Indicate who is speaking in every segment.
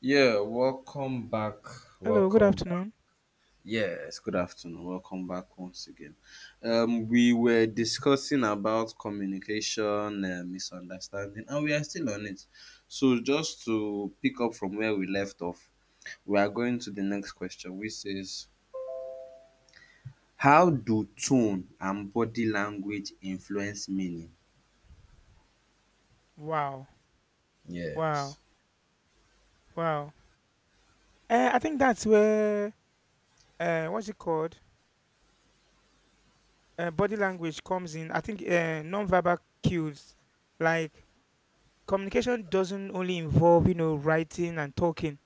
Speaker 1: Yeah, welcome back.
Speaker 2: Hello, good
Speaker 1: Welcome back.
Speaker 2: afternoon.
Speaker 1: Yes, good afternoon. Welcome back once again. We were discussing about communication, misunderstanding, and we are still on it. So, just to pick up from where we left off, we are going to the next question, which is: how do tone and body language influence meaning?
Speaker 2: Wow,
Speaker 1: Yes.
Speaker 2: wow, wow. I think that's where what's it called? Body language comes in. I think non-verbal cues, like communication, doesn't only involve writing and talking.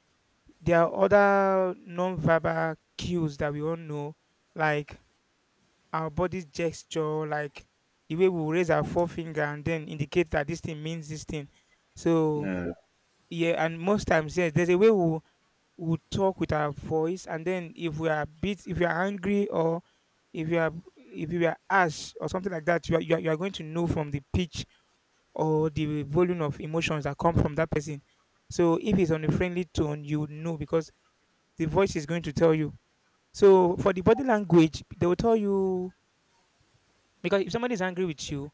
Speaker 2: There are other non-verbal cues that we all know, like our body's gesture, like the way we raise our forefinger and then indicate that this thing means this thing. So
Speaker 1: Yeah.
Speaker 2: yeah, and most times yes, there's a way we would talk with our voice, and then if you are angry, or if you are ash or something like that, you are going to know from the pitch or the volume of emotions that come from that person. So if it's on a friendly tone, you would know because the voice is going to tell you. So for the body language, they will tell you, because if somebody is angry with you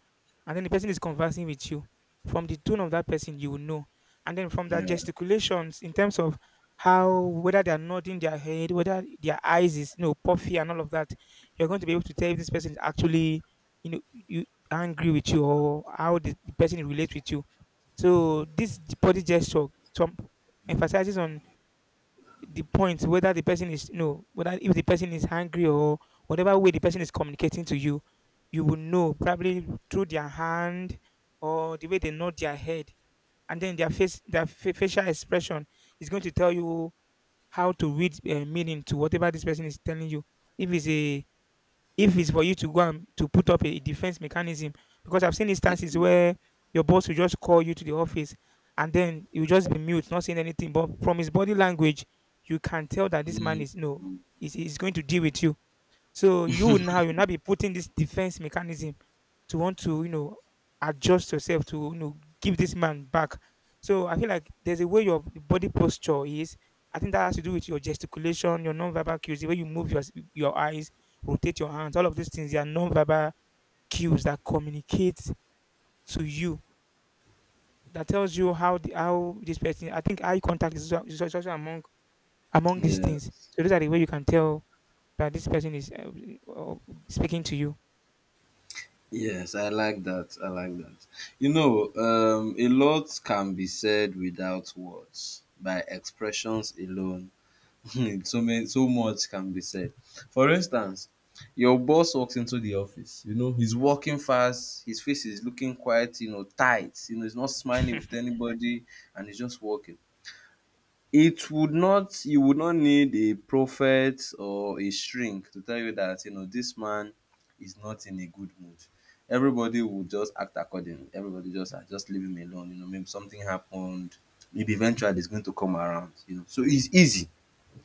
Speaker 2: and then the person is conversing with you, from the tone of that person, you will know. And then from their
Speaker 1: Yeah.
Speaker 2: gesticulations, in terms of how, whether they are nodding their head, whether their eyes is puffy and all of that, you're going to be able to tell if this person is actually you know you angry with you, or how the person relates with you. So this body gesture some emphasizes on the point whether the person is no whether if the person is angry or whatever way the person is communicating to you, you will know, probably through their hand, or the way they nod their head, and then their facial expression is going to tell you how to read meaning to whatever this person is telling you, if it's a if it's for you to go and to put up a defense mechanism. Because I've seen
Speaker 1: Yeah.
Speaker 2: instances where your boss will just call you to the office, and then you just be mute, not saying anything, but from his body language you can tell that this man
Speaker 1: Mm,
Speaker 2: is no is going to deal with you. So you now be putting this defense mechanism to want to adjust yourself to give this man back. So I feel like there's a way your body posture is. I think that has to do with your gesticulation, your non-verbal cues, the way you move your eyes, rotate your hands. All of these things, they are non-verbal cues that communicate to you, that tells you how this person. I think eye contact is also among these
Speaker 1: yeah.
Speaker 2: things. So those are the way you can tell that this person is uh, speaking to you.
Speaker 1: Yes, I like that. I like that. You know, a lot can be said without words, by expressions alone. So many, so much can be said. For instance, your boss walks into the office. You know, he's walking fast. His face is looking quite, you know, tight. You know, he's not smiling with anybody, and he's just walking. It would not, you would not need a prophet or a shrink to tell you that, you know, this man is not in a good mood. Everybody would just act accordingly. Everybody just, ah, just leave him alone. You know, maybe something happened. Maybe eventually he's going to come around. You know, so it's easy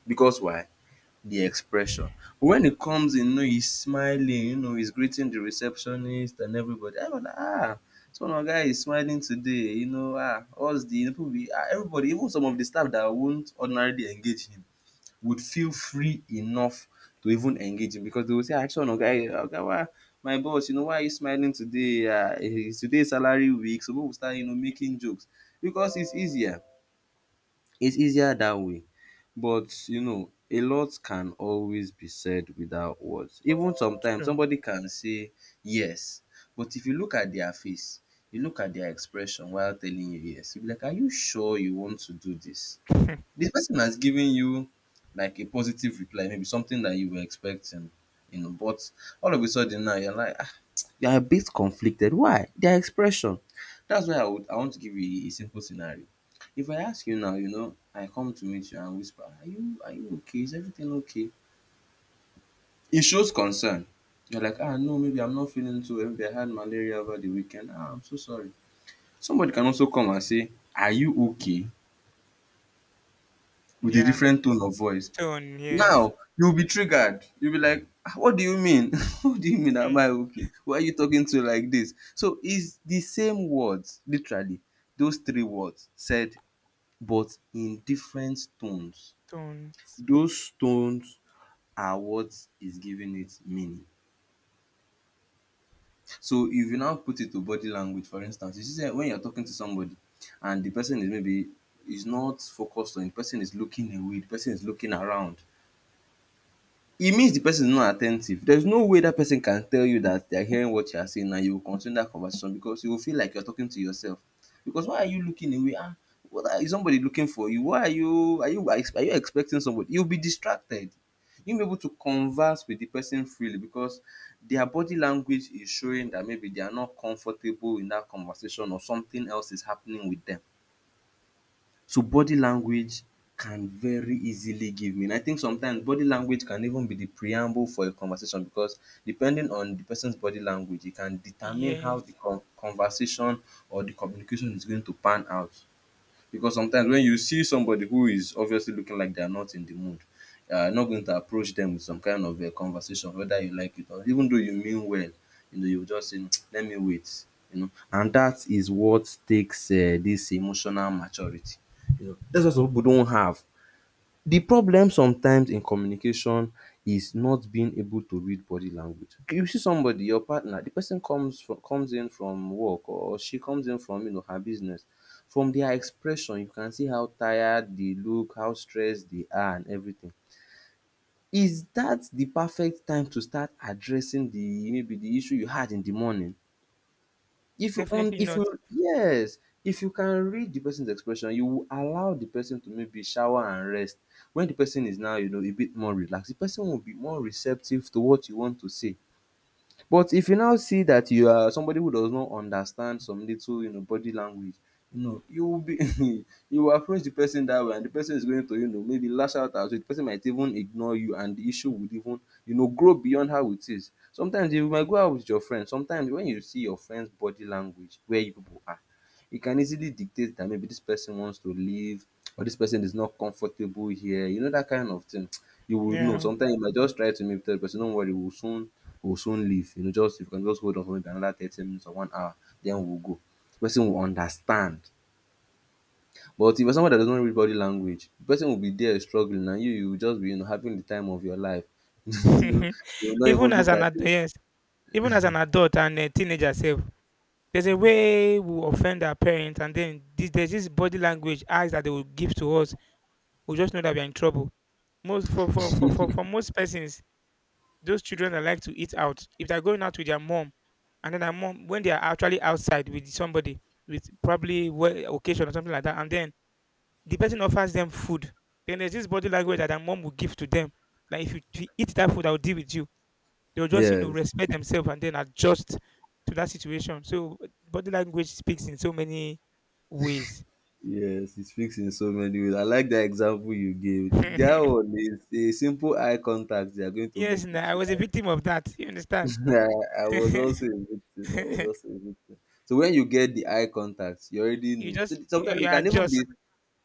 Speaker 1: because why? The expression. When he comes in, you know, he's smiling, you know, he's greeting the receptionist and everybody. I was like, ah, this one our guy is smiling today, you know, ah, what's the people be, ah, everybody, even some of the staff that won't ordinarily engage him would feel free enough to even engage him because they will say, ah, this one our guy, oga, why, my boss, you know, why are you smiling today? Ah, eh, today is salary week, so people will start, you know, making jokes because it's easier. It's easier that way. But you know, a lot can always be said without words. Even sometimes
Speaker 2: Sure.
Speaker 1: somebody can say yes, but if you look at their face, you look at their expression while telling you yes, you'll be like, are you sure you want to do this? The person has given you like a positive reply, maybe something that you were expecting, you know, but all of a sudden now you're like, they are a bit conflicted. Why? Their expression. That's why I want to give you a simple scenario. If I ask you now, you know, I come to meet you and whisper, are you okay? Is everything okay? It shows concern. You're like, ah, no, maybe I'm not feeling too well. Maybe I had malaria over the weekend. Ah, I'm so sorry. Somebody can also come and say, are you okay? With a
Speaker 2: Yeah.
Speaker 1: different tone of voice.
Speaker 2: Tone, yes.
Speaker 1: Now, you'll be triggered. You'll be like, "Ah, what do you mean?" What do you mean? Am
Speaker 2: Mm.
Speaker 1: I okay? Why are you talking to like this? So it's the same words, literally, those three words said, but in different tones.
Speaker 2: Tones.
Speaker 1: Those tones are what is giving it meaning. So if you now put it to body language, for instance, you see say when you're talking to somebody and the person is maybe is not focused on, the person is looking away, the person is looking around. E means the person is not at ten tive. There's no way that person can tell you that they are hearing what you are saying and you will continue that conversation because you will feel like you are talking to yourself. Because why are you looking away? Ah, what are, is somebody looking for you? Why are you, are you, are you expecting somebody? You'll be distracted. You'll be able to converse with the person freely because their body language is showing that maybe they are not comfortable in that conversation or something else is happening with them. So body language can very easily give meaning. I think sometimes body language can even be the preamble for a conversation because depending on the person's body language, it can determine how the
Speaker 2: Yes.
Speaker 1: conversation or the communication is going to pan out. Because sometimes when you see somebody who is obviously looking like they are not in the mood, you're not going to approach them with some kind of conversation, whether you like it or even though you mean well, you know, you will just say, "Mm, let me wait," you know. And that is what takes dis emotional maturity, you know. That's what some people don't have. The problem sometimes in communication is not being able to read body language. You see somebody, your partner, the person comes from, comes in from work, or she comes in from, you know, her business. From their expression, you can see how tired they look, how stressed they are and everything. Is that the perfect time to start addressing the, maybe the issue you had in the morning? If you on,
Speaker 2: Definitely
Speaker 1: if
Speaker 2: not.
Speaker 1: you yes, if you can read the person's expression, you will allow the person to maybe shower and rest. When the person is now, you know, a bit more relaxed, the person will be more receptive to what you want to say. But if you now see that you are somebody who does not understand some little, you know, body language, you know, you will be you will approach the person that way and the person is going to, you know, maybe lash out at you. The person might even ignore you and the issue would even, you know, grow beyond how it is. Sometimes you might go out with your friends. Sometimes when you see your friend's body language where you people are, it can easily dictate that maybe this person wants to leave or this person is not comfortable here. You know that kind of thing. You will know.
Speaker 2: Yeah.
Speaker 1: Sometimes you might just try to maybe tell the person, don't worry, we'll soon leave. You know, just if you can just hold on for maybe another 30 minutes or 1 hour, then we'll go. The person will understand. But if you're someone that doesn't read body language, the person will be there struggling and you will just be, you know, having the time of your life. You know, you will not
Speaker 2: even
Speaker 1: even
Speaker 2: as
Speaker 1: look
Speaker 2: an
Speaker 1: at
Speaker 2: ad-
Speaker 1: it.
Speaker 2: yes, Even as an adult and a teenager self, there's a way we offend our parents, and then there's this body language eyes that they will give to us. We just know that we're in trouble. Most For most persons, those children that like to eat out, if they're going out with their mom, and then their mom, when they are actually outside with somebody, with probably occasion or something like that, and then the person offers them food. Then there's this body language that their mom will give to them: that if you eat that food, I'll deal with you. They'll just, you know,
Speaker 1: Yes.
Speaker 2: respect themselves and then adjust to that situation. So body language speaks in so many ways.
Speaker 1: Yes, it speaks in so many ways. I like that example you gave. That
Speaker 2: Yes,
Speaker 1: one is a simple eye contact they are going to make
Speaker 2: nah,
Speaker 1: with
Speaker 2: I
Speaker 1: you.
Speaker 2: was a
Speaker 1: And
Speaker 2: victim of that. You understand?
Speaker 1: I was
Speaker 2: you
Speaker 1: also a victim. I was also a victim. So when you get the eye contact, you already know. So sometimes they
Speaker 2: you
Speaker 1: can even
Speaker 2: adjust,
Speaker 1: be,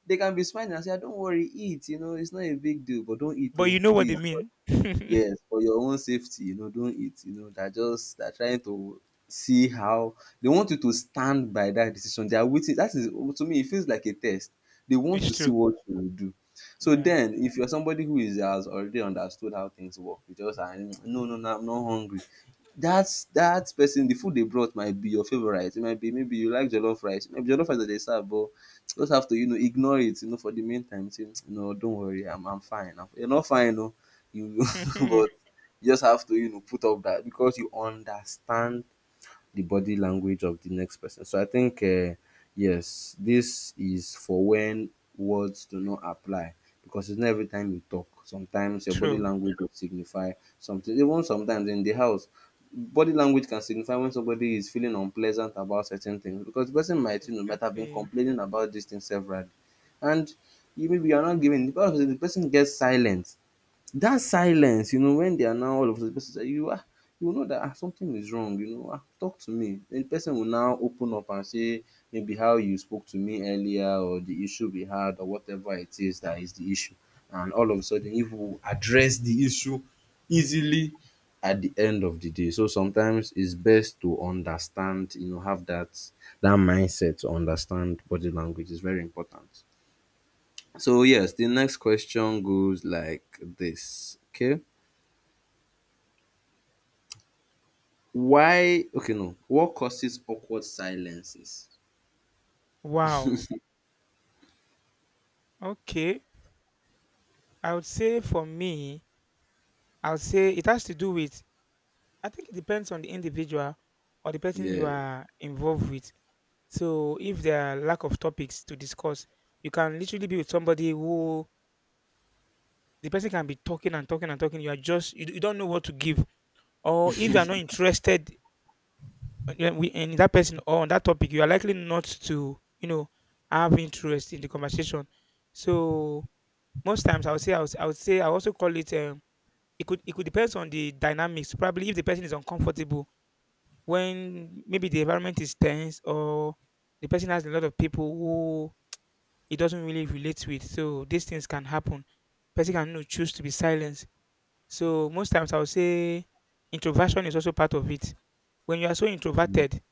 Speaker 1: they can be smiling and say, "Ah, don't worry, eat, you know, it's not a big deal, but don't eat
Speaker 2: but
Speaker 1: oh,
Speaker 2: you know what
Speaker 1: please."
Speaker 2: they mean. It's
Speaker 1: Yes, for your own safety, you know, don't eat, you know. They're just, they're trying to see how they want you to stand by that decision. They are waiting. That is, to me, it feels like a test. They want to see
Speaker 2: true.
Speaker 1: what you will do. So
Speaker 2: Yeah.
Speaker 1: then, if you're somebody who is, has already understood how things work, you just are, "No, no, no, I'm not hungry." That's that person, the food they brought might be your favorite. It might be maybe you like jollof rice. Maybe jollof rice that they serve, but just have to, you know, ignore it. You know, for the meantime, say no, don't worry, I'm fine. I'm, you're not fine, no. You but you just have to, you know, put up that because you understand the body language of the next person. So I think, yes, this is for when words do not apply because it's not every time you talk. Sometimes your body
Speaker 2: True.
Speaker 1: language will signify something. Even sometimes in the house, body language can signify when somebody is feeling unpleasant about certain things because the person might, you know, might have been
Speaker 2: Exactly.
Speaker 1: complaining about this thing severally. And you maybe you're not giving the person gets silent, that silence, you know, when they are now all of a sudden, the person say you ah, you will know that ah something is wrong, you know, ah talk to me. Then the person will now open up and say maybe how you spoke to me earlier or the issue we had or whatever it is that is the issue. And all of a sudden, you will address the issue easily at the end of the day. So sometimes it's best to understand, you know, have that, that mindset to understand body language is very important. So yes, the next question goes like this. Okay. Why okay no. What causes awkward silences?
Speaker 2: Wow. Okay. I would say for me, I would say it has to do with, I think it depends on the individual or the person
Speaker 1: Yeah.
Speaker 2: you are involved with. So if there are lack of topics to discuss, you can literally be with somebody who the person can be talking and talking and talking. You are just, you don't know what to give. Or if you are not interested in that person or on that topic, you are likely not to, you know, have interest in the conversation. So most times I would say, I would say, I also call it, it could depend on the dynamics. Probably if the person is uncomfortable, when maybe the environment is tense, or the person has a lot of people who he doesn't really relate with. So these things can happen. Person can, you know, choose to be silenced. So most times I would say introversion is also part of it. When you are so introverted,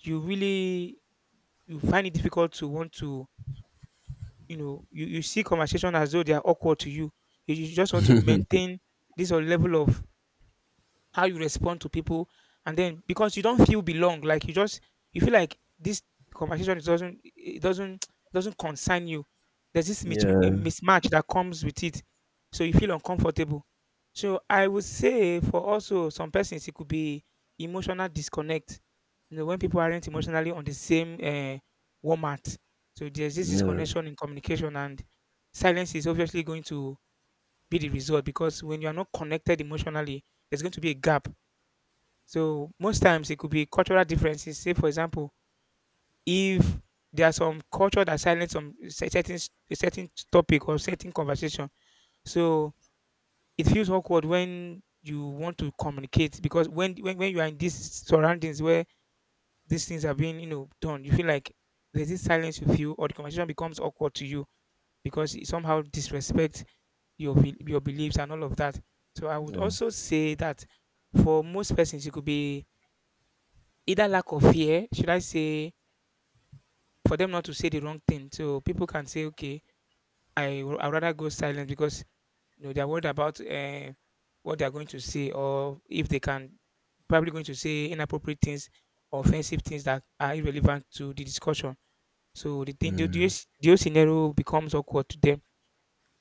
Speaker 2: you really, you find it difficult to want to, you know, you see conversation as though they are awkward to you. You just want to maintain this level of how you respond to people, and then because you don't feel belong, like you just, you feel like this conversation, it doesn't doesn't concern you. There's this
Speaker 1: Yeah,
Speaker 2: mismatch that comes with it, so you feel uncomfortable. So I would say, for also some persons, it could be emotional disconnect. You know, when people aren't emotionally on the same warmth, so there's this
Speaker 1: yeah,
Speaker 2: disconnection in communication, and silence is obviously going to be the result, because when you are not connected emotionally, there's going to be a gap. So most times it could be cultural differences. Say, for example, if there are some culture that silence some certain a certain topic or certain conversation, so it feels awkward when you want to communicate, because when you are in these surroundings where these things are being, you know, done, you feel like there's this silence you feel, or the conversation becomes awkward to you because it somehow disrespects your your beliefs and all of that. So I would
Speaker 1: yeah,
Speaker 2: also say that for most persons, it could be either lack of fear, should I say, for them not to say the wrong thing. So people can say, okay, I would rather go silent, because you know they're worried about what they're going to say, or if they can probably going to say inappropriate things, offensive things, that are irrelevant to the discussion. So the thing the,
Speaker 1: yeah.
Speaker 2: whole the whole scenario becomes awkward to them.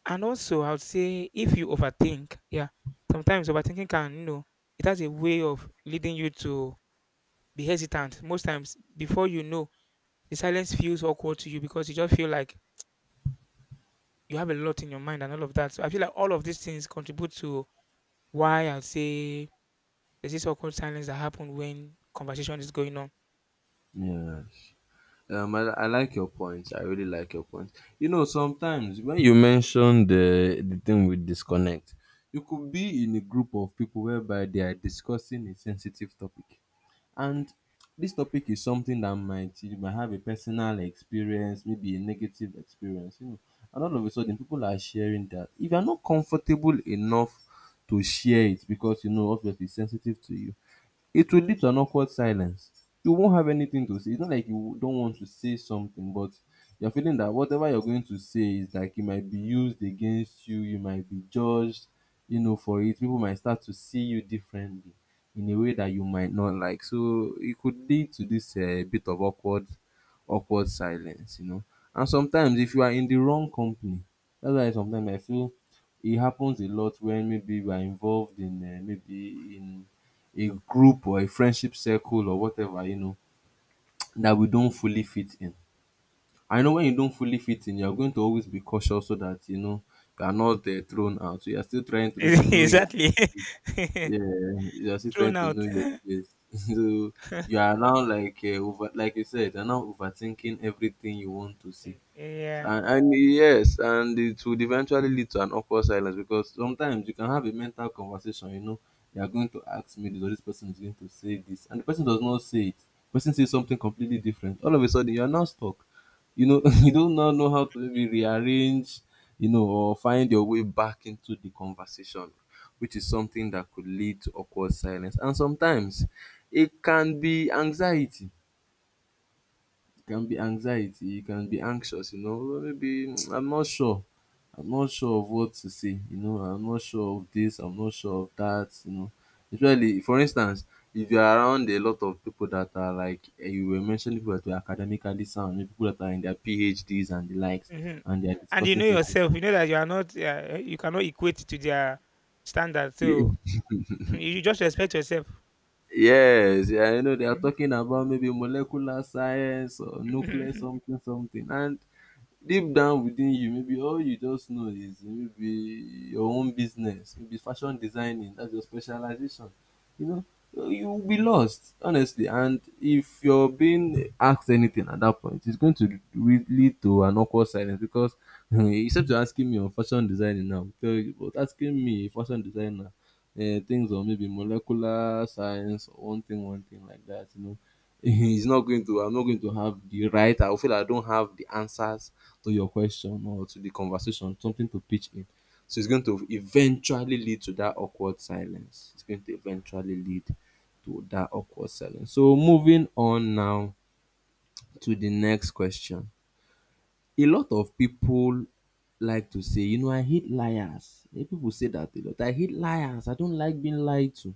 Speaker 2: And also I would say, if you overthink, yeah, sometimes overthinking can, you know, it has a way of leading you to be hesitant. Most times before you know, the silence feels awkward to you because you just feel like you have a lot in your mind and all of that. So I feel like all of these things contribute to why I'll say there's this awkward silence that happens when conversation is going on.
Speaker 1: Yes. I like your point. I really like your point. You know, sometimes when you mention the thing with disconnect, you could be in a group of people whereby they are discussing a sensitive topic. And this topic is something that might, you might have a personal experience, maybe a negative experience, you know. And all of a sudden, people are sharing that. If you're not comfortable enough to share it because you know obviously it's sensitive to you, it will lead to an awkward silence. You won't have anything to say. It's not like you don't want to say something, but you're feeling that whatever you're going to say is like it might be used against you, you might be judged, you know, for it. People might start to see you differently in a way that you might not like. So it could lead to this bit of awkward silence, you know. And sometimes if you are in the wrong company, that's why sometimes I feel it happens a lot when maybe we are involved in maybe in a group or a friendship circle or whatever, you know, that we don't fully fit in. I know when you don't fully fit in, you're going to always be cautious so that, you know, you are not thrown out. So you're still trying to maybe know your
Speaker 2: Exactly.
Speaker 1: yeah, you're still trying
Speaker 2: Thrown
Speaker 1: to know
Speaker 2: out.
Speaker 1: your place. So you are now like over, like you said, you're now overthinking everything you want to see.
Speaker 2: Mm, yeah.
Speaker 1: And yes, and it would eventually lead to an awkward silence because sometimes you can have a mental conversation, you know, you are going to ask me this or this person is going to say this, and the person does not say it. The person says something completely different. All of a sudden you are now stuck. You know, you do not now know how to maybe rearrange, you know, or find your way back into the conversation, which is something that could lead to awkward silence. And sometimes it can be anxiety, you can be anxious, you know, well, maybe I'm not sure. I'm not sure of what to say, you know, I'm not sure of this, I'm not sure of that, you know. Especially for instance, if you are around a lot of people that are like you were mentioning people that were academically sound, maybe people that are in their PhDs and the likes,
Speaker 2: Hmm.
Speaker 1: and they are
Speaker 2: And you
Speaker 1: discussing
Speaker 2: know
Speaker 1: certain
Speaker 2: yourself, you know that you are not, you cannot equate to their standard. So you just respect yourself.
Speaker 1: yes, yeah, you know, they are talking about maybe molecular science or nuclear
Speaker 2: Mm.
Speaker 1: something, something. And deep down within you, maybe all you just know is maybe your own business, maybe fashion designing, that's your specialization. You know, so you will be lost, honestly. And if you're being asked anything at that point, it's going to lead to an awkward silence because except you're asking me on fashion designing now, tell you, but asking me a fashion designer things or maybe molecular science or one thing like that, you know, it's not going to, I'm not going to have the right, I will feel like I don't have the answers to your question or to the conversation, something to pitch in. So it's going to eventually lead to that awkward silence. It's going to eventually lead to that awkward silence. So moving on now to the next question a lot of people like to say, you know, I hate liars. Yeah, people say that a lot. I hate liars. I don't like being lied to.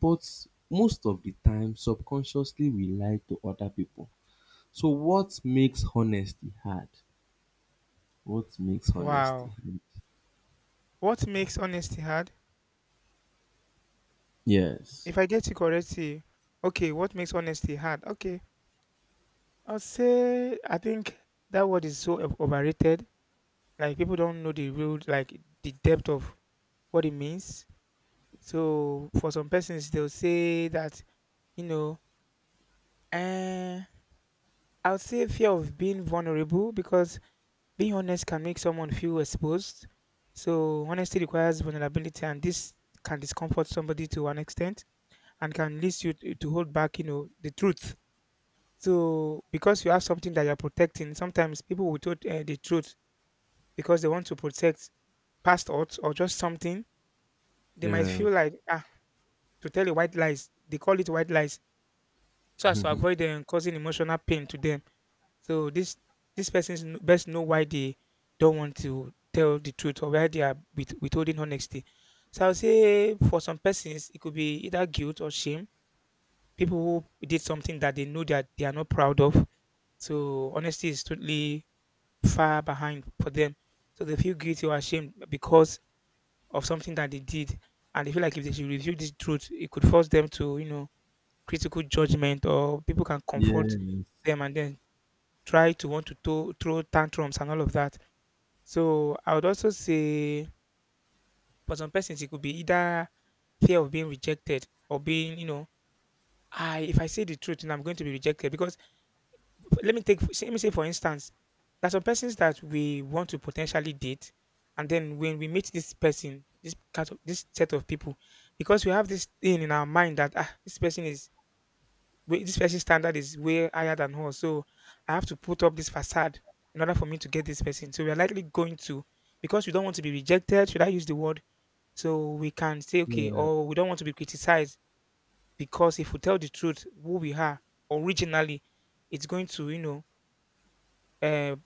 Speaker 1: But most of the time, subconsciously, we lie to other people. So, what makes honesty hard? What makes honesty
Speaker 2: Wow.
Speaker 1: hard?
Speaker 2: What makes honesty hard?
Speaker 1: Yes.
Speaker 2: If I get you correctly, okay, what makes honesty hard? Okay. I'll say I think that word is so overrated. Like people don't know the real, like, the depth of what it means. So for some persons they'll say that, you know, uh, I'll say fear of being vulnerable, because being honest can make someone feel exposed. So honesty requires vulnerability, and this can discomfort somebody to an extent, and can lead you to hold back, you know, the truth. So because you have something that you're protecting, sometimes people will tell the truth because they want to protect past odds or just something. They might
Speaker 1: Yeah.
Speaker 2: feel like, ah, to tell you white lies. They call it white lies, so as to avoid them causing emotional pain to them. So this person's best know why they don't want to tell the truth, or why they are withholding honesty. So I'll say for some persons it could be either guilt or shame. People who did something that they know that they are not proud of. So honesty is totally far behind for them. So they feel guilty or ashamed because of something that they did, and they feel like if they should reveal this truth, it could force them to, you know, critical judgment, or people can confront
Speaker 1: Yes.
Speaker 2: them and then try to want to throw tantrums and all of that. So I would also say for some persons it could be either fear of being rejected or being, I if I say the truth, then I'm going to be rejected because let me say for instance there are some persons that we want to potentially date, and then when we meet this person, this cat, of this set of people, because we have this thing in our mind that, ah, this person is this person's standard is way higher than us, so I have to put up this facade in order for me to get this person. So we are likely going to, because we don't want to be rejected, should I use the word, so we can say, okay,
Speaker 1: Yeah.
Speaker 2: or we don't want to be criticized, because if we tell the truth who we are originally, it's going to, uh,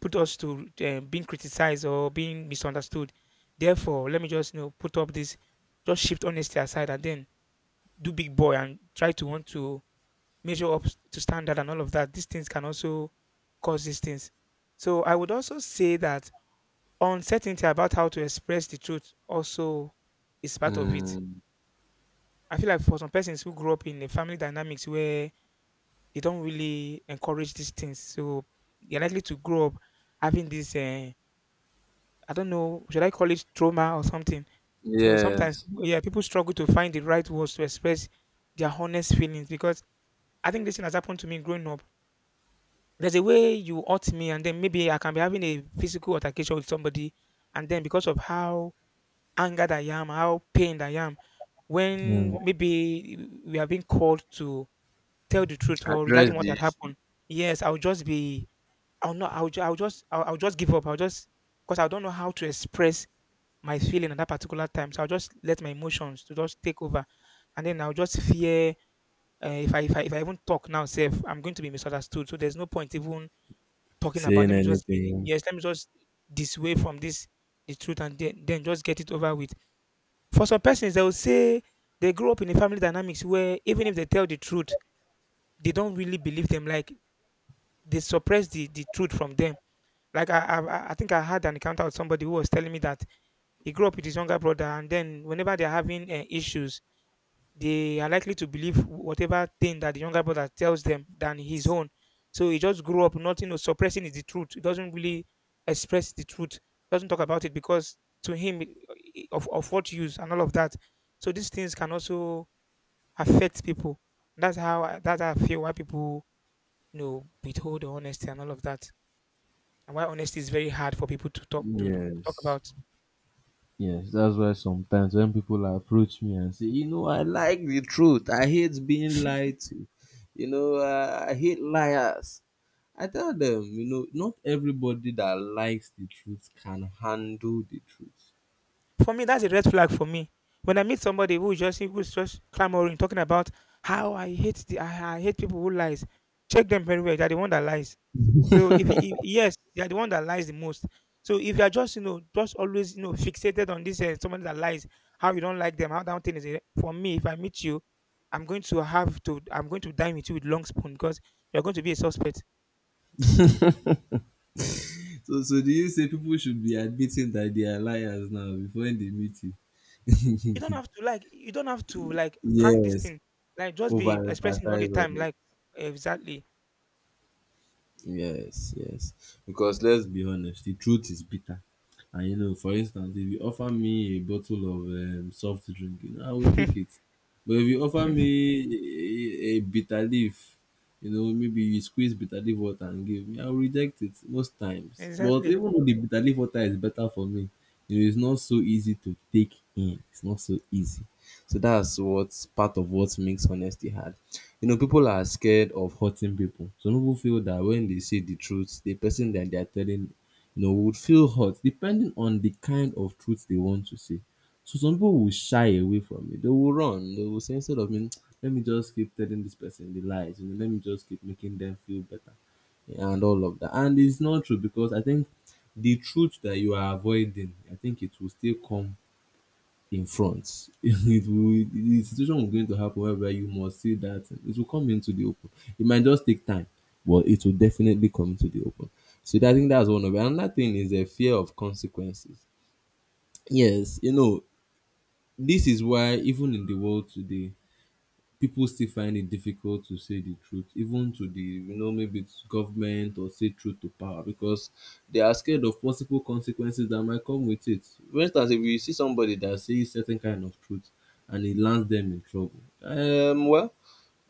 Speaker 2: put us to being criticized or being misunderstood. Therefore, let me just, put up this, just shift honesty aside and then do big boy and try to want to measure up to standard and all of that. These things can also cause these things. So I would also say that uncertainty about how to express the truth also is part of it.
Speaker 1: Mm.
Speaker 2: I feel like for some persons who grew up in a family dynamics where they don't really encourage these things, so they're likely to grow up having this. I don't know, should I call it trauma or something? So sometimes,
Speaker 1: Yes.
Speaker 2: yeah, people struggle to find the right words to express their honest feelings, because I think this thing has happened to me growing up. There's a way you hurt me, and then maybe I can be having a physical altercation with somebody, and then because of how angered I am, how pained I am,
Speaker 1: Yeah.
Speaker 2: when maybe we have been called to tell the truth or regarding
Speaker 1: Address
Speaker 2: what
Speaker 1: the
Speaker 2: had
Speaker 1: issue.
Speaker 2: happened, yes, I'll just be, I'll not, I'll, ju- I'll just give up. I'll just, because I don't know how to express my feeling at that particular time. So I'll just let my emotions to just take over, and then I'll just fear, if I even talk now, self, I'm going to be misunderstood. So there's no point even talking about.
Speaker 1: Saying
Speaker 2: Let me just be,
Speaker 1: anything.
Speaker 2: yes, let me just dissuade from this the truth, and then just get it over with. For some persons, they will say they grow up in a family dynamics where even if they tell the truth, they don't really believe them. Like they suppress the truth from them. Like I think I had an encounter with somebody who was telling me that. He grew up with his younger brother, and then whenever they're having issues, they are likely to believe whatever thing that the younger brother tells them than his own. So he just grew up not, suppressing is the truth. He doesn't really express the truth. Doesn't talk about it because to him of what use and all of that. So these things can also affect people. That's how I feel why people, withhold the honesty and all of that, and why honesty is very hard for people to talk
Speaker 1: Yes.
Speaker 2: about.
Speaker 1: Yes, that's why sometimes when people approach me and say, you know, I like the truth. I hate being lied to. You know, I hate liars. I tell them, you know, not everybody that likes the truth can handle the truth.
Speaker 2: For me, that's a red flag for me. When I meet somebody who is just who's just clamoring, talking about how I hate people who lies. Check them very well. They're the one that lies. So if yes, they're the one that lies the most. So if you're just, just always, fixated on this somebody that lies, how you don't like them, how that thing is a- for me. If I meet you, I'm going to dine with you with long spoon because you're going to be a suspect.
Speaker 1: So do you say people should be admitting that they are liars now before they meet you?
Speaker 2: You don't have to like hang this
Speaker 1: Yes,
Speaker 2: thing, like just be expressing all the
Speaker 1: overemphasize
Speaker 2: time,
Speaker 1: on it.
Speaker 2: like, exactly.
Speaker 1: Yes, yes. Because let's be honest, the truth is bitter. And you know, for instance, if you offer me a bottle of soft drink, you know, I will take it. But if you offer me a bitter leaf, you know, maybe you squeeze bitter leaf water and give me, I will reject it most times. But
Speaker 2: Exactly.
Speaker 1: even though the bitter leaf water is better for me, you know, it's not so easy to take in. It's not so easy. So that's what's part of what makes honesty hard. You know, people are scared of hurting people. Some people feel that when they say the truth, the person that they are telling you know, would feel hurt depending on the kind of truth they want to say. So some people will shy away from it. They will run. They will say instead of me, let me just keep telling this person the lies. You know, let me just keep making them feel better, and all of that. And it's not true because I think the truth that you are avoiding, I think it will still come in front. It will the situation is going to happen whereby you must see that it will come into the open. It might just take time, but it will definitely come into the open. So that, I think that's one of it. Another thing is a fear of consequences. Yes, you know, this is why even in the world today, people still find it difficult to say the truth, even to the, you know, maybe it's government or say truth to power because they are scared of possible consequences that might come with it. For instance, if you see somebody that says certain kind of truth and it lands them in trouble, well,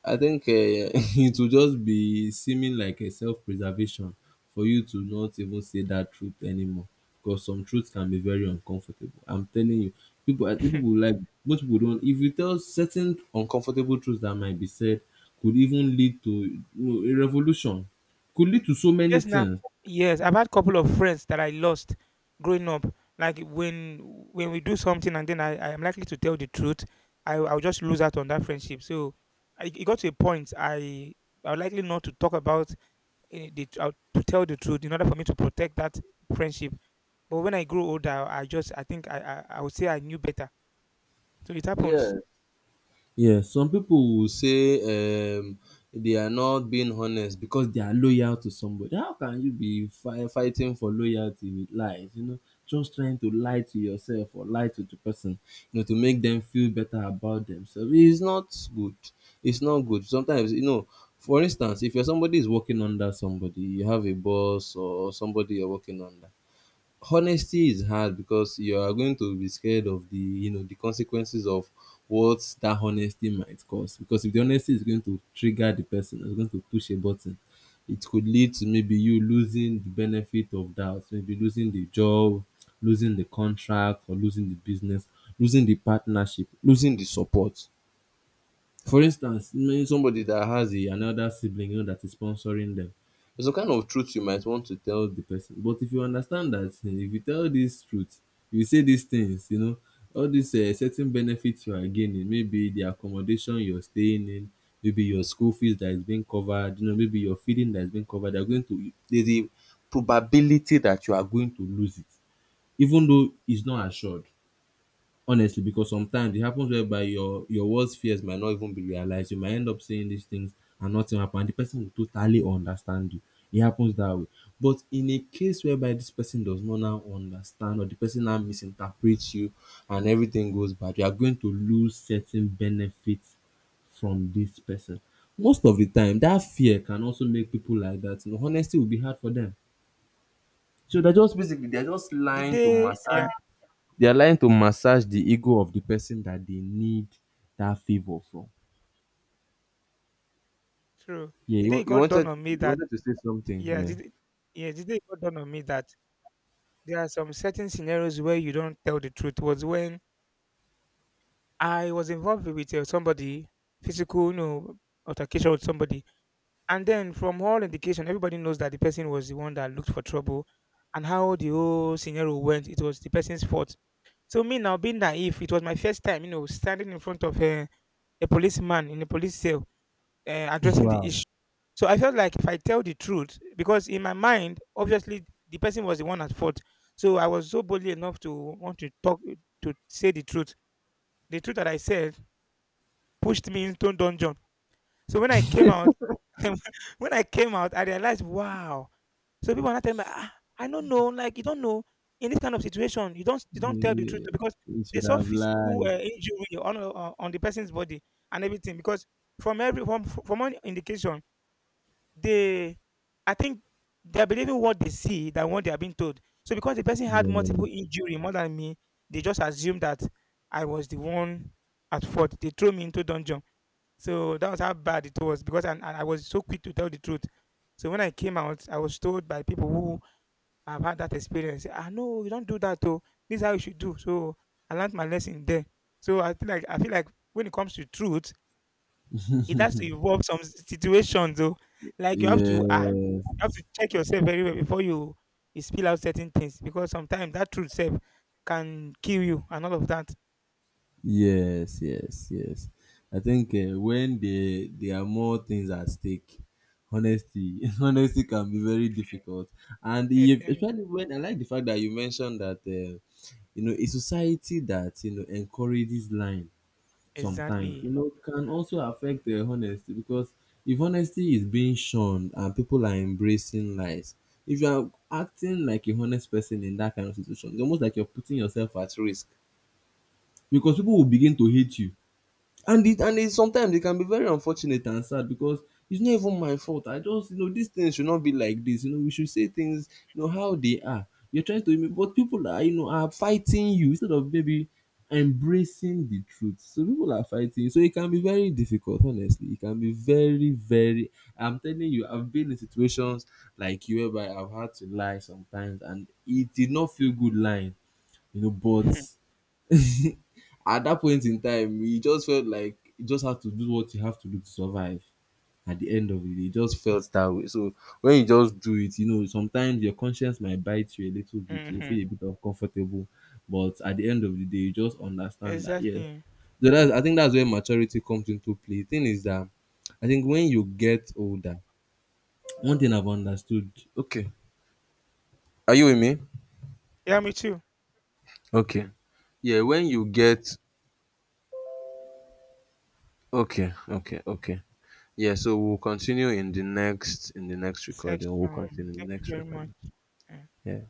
Speaker 1: I think it will just be seeming like a self-preservation for you to not even say that truth anymore because some truth can be very uncomfortable. I'm telling you, people I think people will like most people don't if you tell certain uncomfortable truths that might be said could even lead to you know a revolution, could lead to so many
Speaker 2: Yes, now.
Speaker 1: things.
Speaker 2: Yes, I've had couple of friends that I lost growing up. Like when we do something, and then I am likely to tell the truth, I'll just lose out on that friendship. So I, it got to a point I would likely not to talk about to tell the truth in order for me to protect that friendship. But when I grew older, I just I think I would say I knew better. So it
Speaker 1: Yeah,
Speaker 2: happens.
Speaker 1: yeah, some people will say they are not being honest because they are loyal to somebody. How can you be fighting for loyalty with lies? You know, just trying to lie to yourself or lie to the person, you know, to make them feel better about themselves. It's not good. It's not good. Sometimes, you know, for instance, if you're somebody is working under somebody, you have a boss or somebody you're working under honesty is hard because you are going to be scared of the you know the consequences of what that honesty might cause because if the honesty is going to trigger the person it's going to push a button it could lead to maybe you losing the benefit of doubt maybe losing the job losing the contract or losing the business losing the partnership losing the support for instance, knowing somebody that has a, another sibling you know that is sponsoring them, there's a kind of truth you might want to tell the person. But if you understand that, eh, if you tell this truth, you say these things, you know, all these certain benefits you are gaining, maybe the accommodation you're staying in, maybe your school fees that is being covered, you know, maybe your feeding that is being covered, they're going to there's a probability that you are going to lose it, even though it's not assured honestly because sometimes it happens whereby your worst fears might not even be realized you might end up saying these things and nothing happen and the person will totally understand you it happens that way but in a case whereby this person does not now understand or the person now misinterprets you and everything goes bad you are going to lose certain benefits from this person most of the time that fear can also make people like that you know honesty will be hard for them so they're just basically they're just
Speaker 2: The
Speaker 1: lying to
Speaker 2: day,
Speaker 1: mask
Speaker 2: yeah,
Speaker 1: they are lying to massage the ego of the person that they need that favor from.
Speaker 2: true.
Speaker 1: Yeah,
Speaker 2: The day
Speaker 1: you,
Speaker 2: it
Speaker 1: you
Speaker 2: got done
Speaker 1: wanted
Speaker 2: on me
Speaker 1: you
Speaker 2: that
Speaker 1: wanted to say something.
Speaker 2: yeah
Speaker 1: Yeah.
Speaker 2: the, day- yeah the day it got done on me that there are some certain scenarios where you don't tell the truth, was when I was involved with somebody, physical, you know, altercation with somebody. And then from all indication, everybody knows that the person was the one that looked for trouble, and how the whole scenario went, it was the person's fault. So me now being naive, it was my first time, you know, standing in front of a policeman in a police cell, addressing the
Speaker 1: Wow.
Speaker 2: issue. So I felt like if I tell the truth, because in my mind, obviously the person was the one at fault. So I was so boldly enough to want to talk to say the truth. The truth that I said pushed me into dungeon. So when I came out, when I came out, I realized, wow. So people are not telling me, ah, I don't know. Like you don't know, in this kind of situation, you don't tell the truth,
Speaker 1: Yeah,
Speaker 2: because
Speaker 1: you
Speaker 2: they
Speaker 1: should
Speaker 2: saw
Speaker 1: have
Speaker 2: physical
Speaker 1: lied.
Speaker 2: injury on the person's body and everything. Because from every from one indication they, I think they're believing what they see than what they are being told. So because the person had multiple
Speaker 1: Yeah.
Speaker 2: injury more than me, they just assumed that I was the one at fault. They threw me into dungeon. So that was how bad it was, because and I was so quick to tell the truth. So when I came out, I was told by people who have had that experience, ah, no, you don't do that though. This is how you should do. So I learned my lesson there. So I feel like when it comes to truth, it has to involve some situations though. Like you have to, ah, you have
Speaker 1: Yes.
Speaker 2: to check yourself very well before you spill out certain things, because sometimes that truth self can kill you and all of that.
Speaker 1: Yes. Yes. Yes. I think when there are more things at stake, honesty honesty can be very difficult. And
Speaker 2: Eh,
Speaker 1: if,
Speaker 2: eh,
Speaker 1: especially when I like the fact that you mentioned that you know a society that you know encourages lying sometimes
Speaker 2: exactly.
Speaker 1: you know it can also affect the honesty because if honesty is being shunned and people are embracing lies if you are acting like a honest person in that kind of situation it's almost like you're putting yourself at risk because people will begin to hate you and it sometimes it can be very unfortunate and sad because it's not even my fault I just you know these things should not be like this you know we should say things you know how they are you're trying to but people are you know are fighting you instead of maybe embracing the truth so people are fighting you. So it can be very difficult honestly it can be very very I'm telling you I've been in situations like you whereby I've had to lie sometimes and it did not feel good lying you know but at that point in time, he just felt like he just had to do what you have to do to survive. At the end of it, day, it just felt that way. So when you just do it, you know, sometimes your conscience might bite you a little bit. You'll
Speaker 2: Hmm.
Speaker 1: feel a bit uncomfortable, but at the end of the day, you just understand that. Yeah,
Speaker 2: Exactly.
Speaker 1: so that's, I think that's where maturity comes into play. Thing is that I think when you get older, one thing I've understood. Okay, are you with me?
Speaker 2: Yeah, me too.
Speaker 1: Okay. Yeah, when you get okay, okay, okay. Yeah, so we'll continue in the next recording. We'll
Speaker 2: Section.
Speaker 1: continue in
Speaker 2: Thank
Speaker 1: the
Speaker 2: you
Speaker 1: next
Speaker 2: very much.
Speaker 1: recording.
Speaker 2: Yeah.
Speaker 1: Yeah.